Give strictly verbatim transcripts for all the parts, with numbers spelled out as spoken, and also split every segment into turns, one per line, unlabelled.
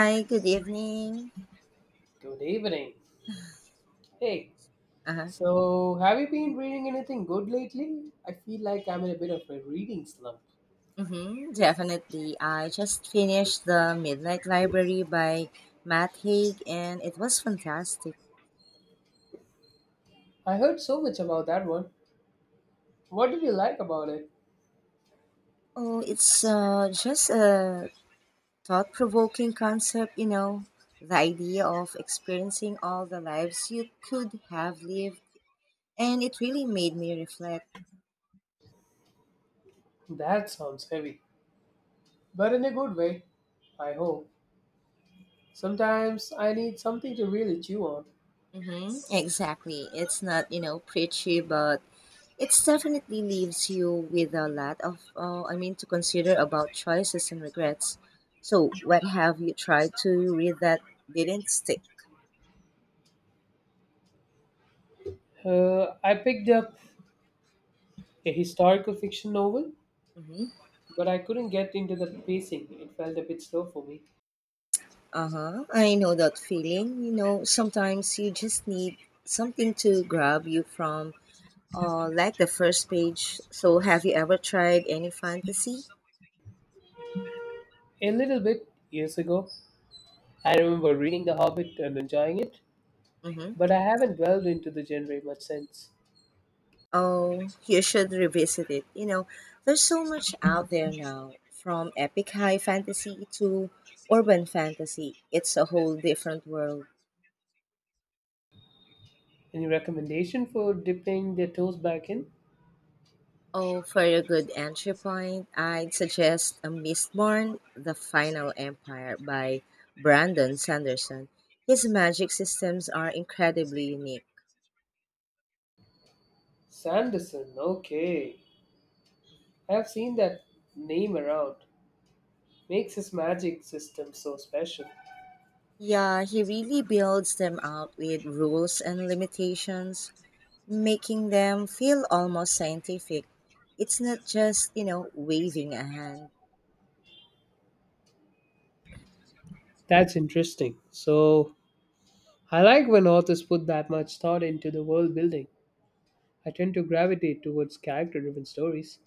Hi, good evening.
Good evening. Hey,
Uh-huh.
so have you been reading anything good lately? I feel like I'm in a bit of a reading slump.
Mm-hmm, definitely. I just finished The Midnight Library by Matt Haig and it was fantastic.
I heard so much about that one. What did you like about it?
Oh, it's uh, just a thought provoking concept, you know, the idea of experiencing all the lives you could have lived. And it really made me reflect.
That sounds heavy, but in a good way, I hope. Sometimes I need something to really chew on.
Mm-hmm, exactly. It's not, you know, preachy, but it definitely leaves you with a lot of, uh, I mean, to consider about choices and regrets. So, what have you tried to read that didn't stick?
Uh, I picked up a historical fiction novel,
Hmm.
but I couldn't get into the pacing. It felt a bit slow for me.
Uh huh. I know that feeling. You know, sometimes you just need something to grab you from, uh, like the first page. So, have you ever tried any fantasy?
A little bit years ago, I remember reading The Hobbit and enjoying it, but I haven't delved into the genre much since.
Oh, you should revisit it. You know, there's so much out there now, from epic high fantasy to urban fantasy. It's a whole different world.
Any recommendation for dipping their toes back in?
Oh, for a good entry point, I'd suggest A Mistborn, The Final Empire by Brandon Sanderson. His magic systems are incredibly unique.
Sanderson, okay. I have seen that name around. Makes his magic system so special.
Yeah, he really builds them out with rules and limitations, making them feel almost scientific. It's not just, you know, waving a hand.
That's interesting. So, I like when authors put that much thought into the world building. I tend to gravitate towards character driven stories.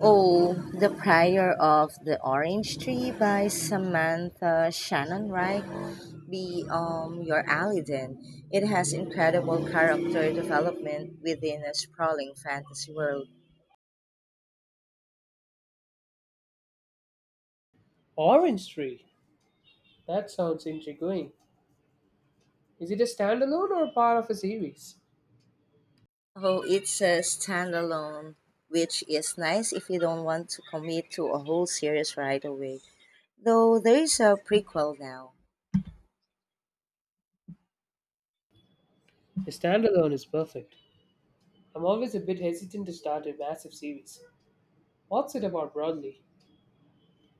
Oh, The Prior of the Orange Tree by Samantha Shannon Wright. Be um your alley then. It has incredible character development within a sprawling fantasy world.
Orange Tree, that sounds intriguing. Is it a standalone or a part of a series?
Oh, it's a standalone, which is nice if you don't want to commit to a whole series right away. Though there is a prequel now.
A standalone is perfect. I'm always a bit hesitant to start a massive series. What's it about broadly?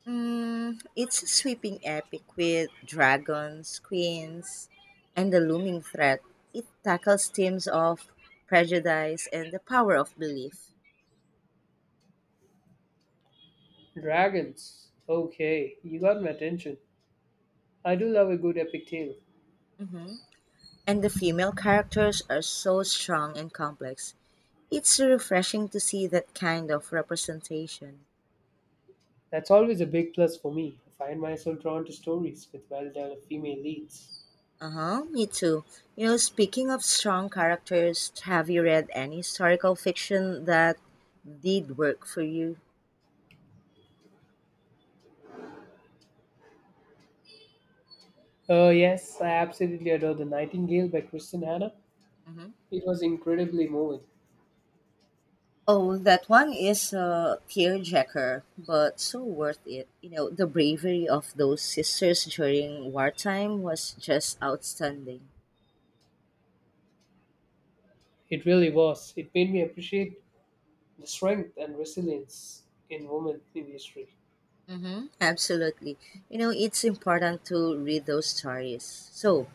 Mm, it's a sweeping epic with dragons, queens, and the looming threat. It tackles themes of prejudice and the power of belief.
Dragons. Okay, you got my attention. I do love a good epic tale.
Hmm. And the female characters are so strong and complex. It's refreshing to see that kind of representation.
That's always a big plus for me. I find myself drawn to stories with well developed female leads.
Uh huh, me too. You know, speaking of strong characters, have you read any historical fiction that did work for you?
Oh, yes, I absolutely adore The Nightingale by Kristen Hannah.
Hmm.
It was incredibly moving.
Oh, that one is a tearjerker, but so worth it. You know, the bravery of those sisters during wartime was just outstanding.
It really was. It made me appreciate the strength and resilience in women in history.
Mm-hmm. Absolutely. You know, it's important to read those stories. So,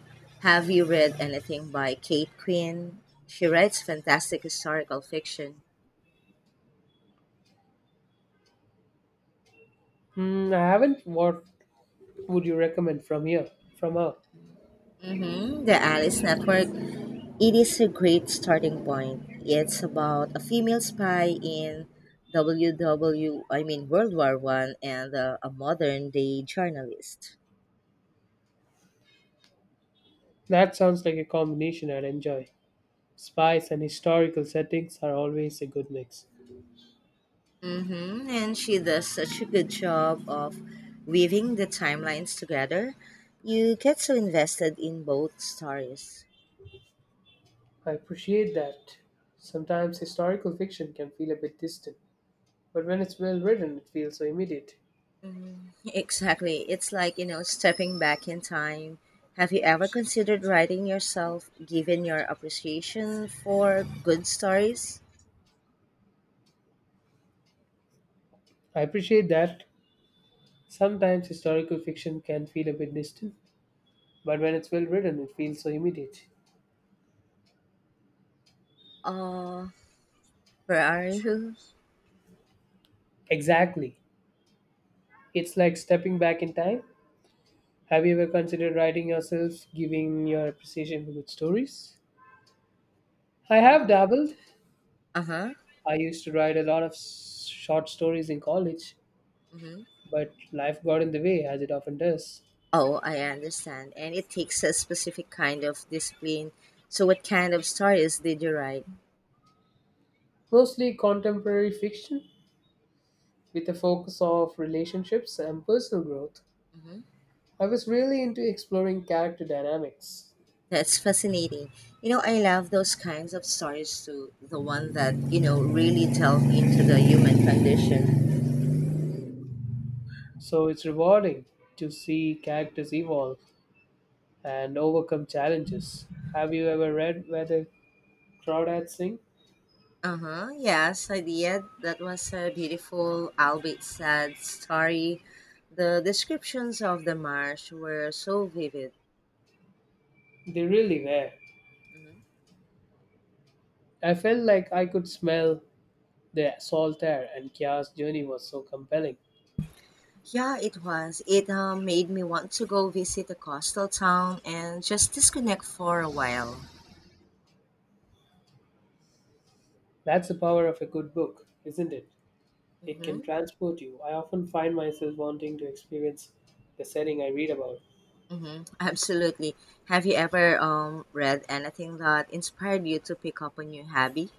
have you read anything by Kate Quinn? She writes fantastic historical fiction.
Hmm, I haven't. What would you recommend from here? From her?
Mm-hmm. The Alice Network. It is a great starting point. It's about a female spy in WW, I mean World War One, and uh, a modern day journalist.
That sounds like a combination I'd enjoy. Spice and historical settings are always a good mix.
Mm-hmm. And she does such a good job of weaving the timelines together. You get so invested in both stories.
I appreciate that. Sometimes historical fiction can feel a bit distant, but when it's well written, it feels so immediate.
Exactly. It's like, you know, stepping back in time. Have you ever considered writing yourself, given your appreciation for good stories?
I appreciate that. Sometimes historical fiction can feel a bit distant, but when it's well written, it feels so immediate.
Uh, For our who?
Exactly. It's like stepping back in time. Have you ever considered writing yourself, giving your appreciation to good stories? I
Uh
have dabbled.
huh.
I used to write a lot of s- short stories in college,
Hmm.
but life got in the way, as it often does.
Oh, I understand. And it takes a specific kind of discipline. So, what kind of stories did you write?
Mostly contemporary fiction, with a focus of relationships and personal growth.
Hmm.
I was really into exploring character dynamics,
That's fascinating. You know, I love those kinds of stories too. The one that, you know, really delve into the human condition.
so it's rewarding to see characters evolve and overcome challenges. Have you ever read Where the Crawdads Sing?
Uh huh. Yes, I did. That was a beautiful, albeit sad story. The descriptions of the marsh were so vivid.
They really were. I felt like I could smell the salt air, and Kia's journey was so compelling.
Yeah, it was. It uh, made me want to go visit a coastal town and just disconnect for a while.
That's the power of a good book, isn't it? It can
Mm-hmm.
transport you. I often find myself wanting to experience the setting I read about.
Mm-hmm. Absolutely. Have you ever um, read anything that inspired you to pick up a new hobby?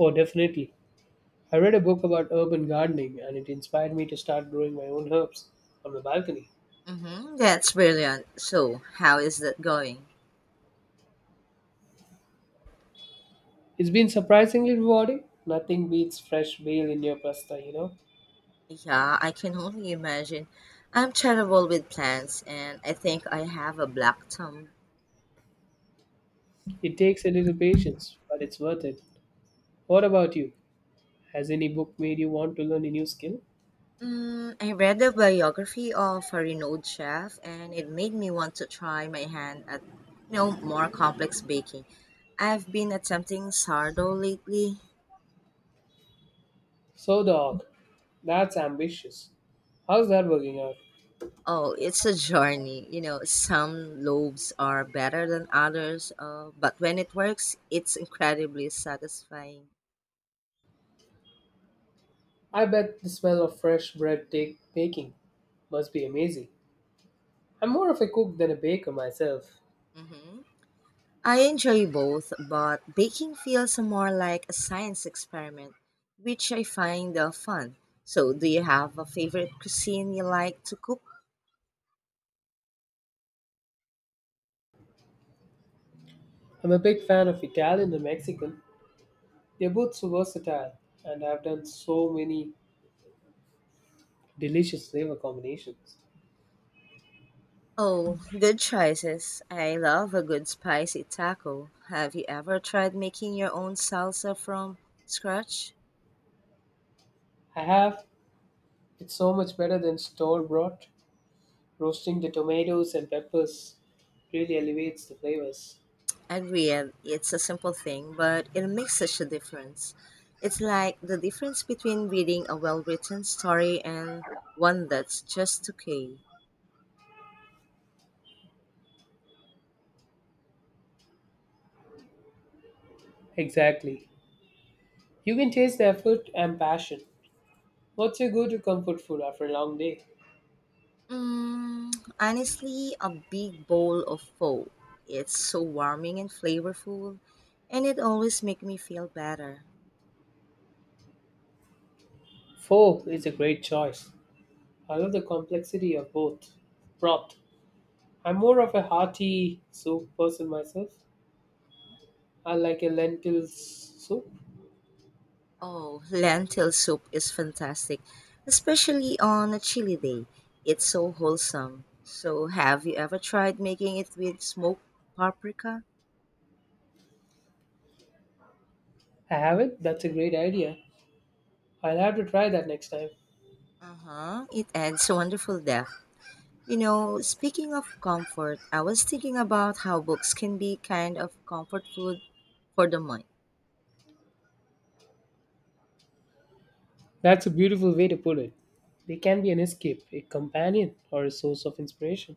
Oh, definitely. I read a book about urban gardening and it inspired me to start growing my own herbs on my balcony.
Mm-hmm. That's brilliant. So, how is that going?
It's been surprisingly rewarding. Nothing beats fresh basil in your pasta, you know.
Yeah, I can only imagine. I'm terrible with plants, and I think I have a black thumb.
It takes a little patience, but it's worth it. What about you? Has any book made you want to learn a new skill?
Mm, I read the biography of a renowned chef, and it made me want to try my hand at, you know, more complex baking. I've been attempting sourdough lately.
So, dog, that's ambitious. How's that working out?
Oh, it's a journey. You know, some loaves are better than others, uh, but when it works, it's incredibly satisfying.
I bet the smell of fresh bread take baking must be amazing. I'm more of a cook than a baker myself.
Hmm. I enjoy both, but baking feels more like a science experiment, which I find uh, fun. So, do you have a favorite cuisine you like to cook?
I'm a big fan of Italian and Mexican. They're both so versatile, and I've done so many delicious flavor combinations.
Oh, good choices. I love a good spicy taco. Have you ever tried making your own salsa from scratch?
I have. It's so much better than store bought. Roasting the tomatoes and peppers really elevates the flavors.
Agreed, it's a simple thing, but it makes such a difference. It's like the difference between reading a well written story and one that's just okay.
Exactly. You can taste the effort and passion. What's your go to comfort food after a long day?
Mm, honestly, a big bowl of pho. It's so warming and flavorful, and it always makes me feel better.
Pho is a great choice. I love the complexity of both. Broth. I'm more of a hearty soup person myself. I like a lentil soup.
Oh, lentil soup is fantastic, especially on a chilly day. It's so wholesome. So, have you ever tried making it with smoked paprika?
I have it. That's a great idea. I'll have to try that next time.
Uh huh. It adds wonderful depth. You know, speaking of comfort, I was thinking about how books can be kind of comfort food for the mind.
That's a beautiful way to put it. They can be an escape, a companion, or a source of inspiration.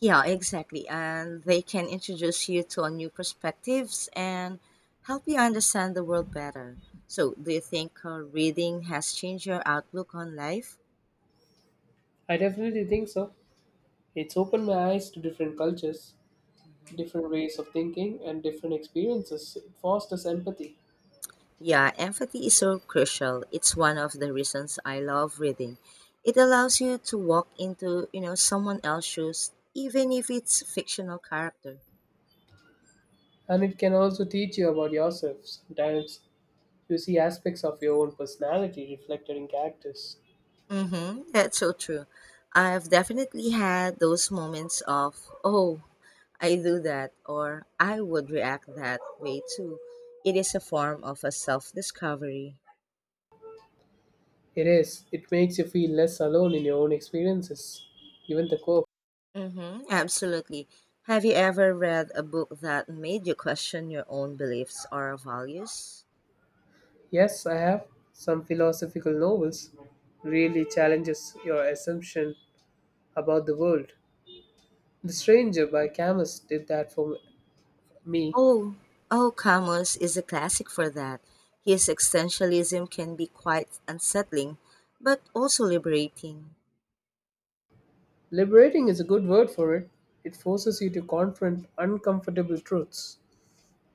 Yeah, exactly. And they can introduce you to a new perspectives and help you understand the world better. So, do you think uh, reading has changed your outlook on life?
I definitely think so. It's opened my eyes to different cultures,
Mhm.
different ways of thinking, and different experiences. It fosters empathy.
Yeah, empathy is so crucial. It's one of the reasons I love reading. It allows you to walk into, you know, someone else's shoes, even if it's fictional character.
And it can also teach you about yourself sometimes. You see aspects of your own personality reflected in characters.
Mm-hmm. That's so true. I've definitely had those moments of, oh, I do that, or I would react that way too. It is a form of a self discovery.
It is. It makes you feel less alone in your own experiences, even the core.
Mm-hmm, absolutely. Have you ever read a book that made you question your own beliefs or values?
Yes, I have. Some philosophical novels really challenges your assumption about the world. The
Hmm.
Stranger by Camus did that for me.
Oh, oh, Camus is a classic for that. His existentialism can be quite unsettling, but also liberating.
Liberating is a good word for it. It forces you to confront uncomfortable truths,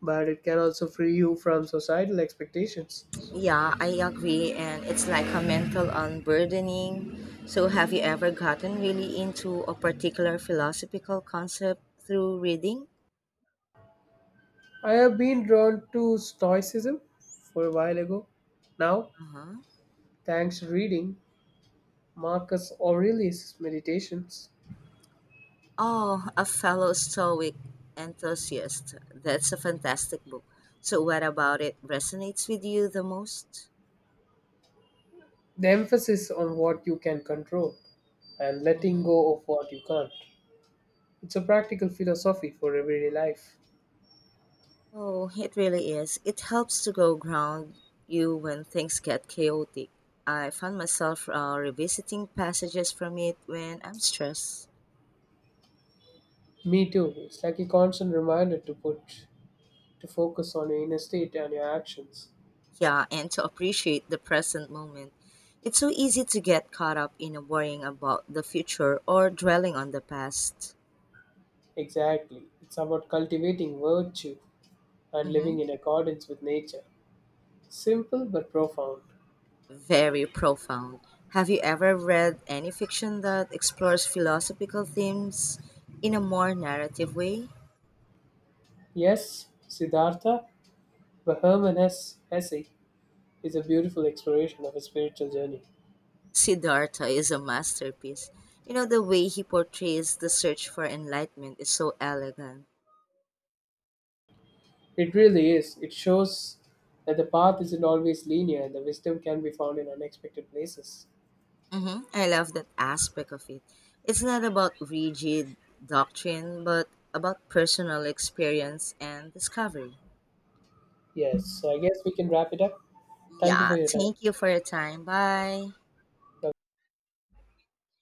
but it can also free you from societal expectations.
Yeah, I agree. And it's like a mental unburdening. So, have you ever gotten really into a particular philosophical concept through reading?
I have been drawn to Stoicism for a while ago. Now,
Uh-huh.
thanks to reading Marcus Aurelius' meditations,
Oh, A Fellow Stoic Enthusiast. That's a fantastic book. So, what about it resonates with you the most?
the emphasis on what you can control and letting
Mhm.
go of what you can't. It's a practical philosophy for everyday life.
Oh, it really is. It helps to go ground you when things get chaotic. I found myself uh, revisiting passages from it when I'm stressed.
Me too. It's like a constant reminder to put to focus on your inner state and your actions.
Yeah, and to appreciate the present moment. It's so easy to get caught up in worrying about the future or dwelling on the past.
Exactly. It's about cultivating virtue and
Hmm.
living in accordance with nature. Simple but profound.
Very profound. Have you ever read any fiction that explores philosophical themes in a more narrative way?
Yes, Siddhartha Vahaman's essay is a beautiful exploration of a spiritual journey.
Siddhartha is a masterpiece. You know, the way he portrays the search for enlightenment is so elegant.
It really is. It shows that the path isn't always linear and the wisdom can be found in unexpected places.
hmm I love that aspect of it. It's not about rigid doctrine, but about personal experience and discovery.
Yes, so I guess we can wrap it up. Thank you for
Yeah,
your time.
thank you for your time. Bye.
Bye.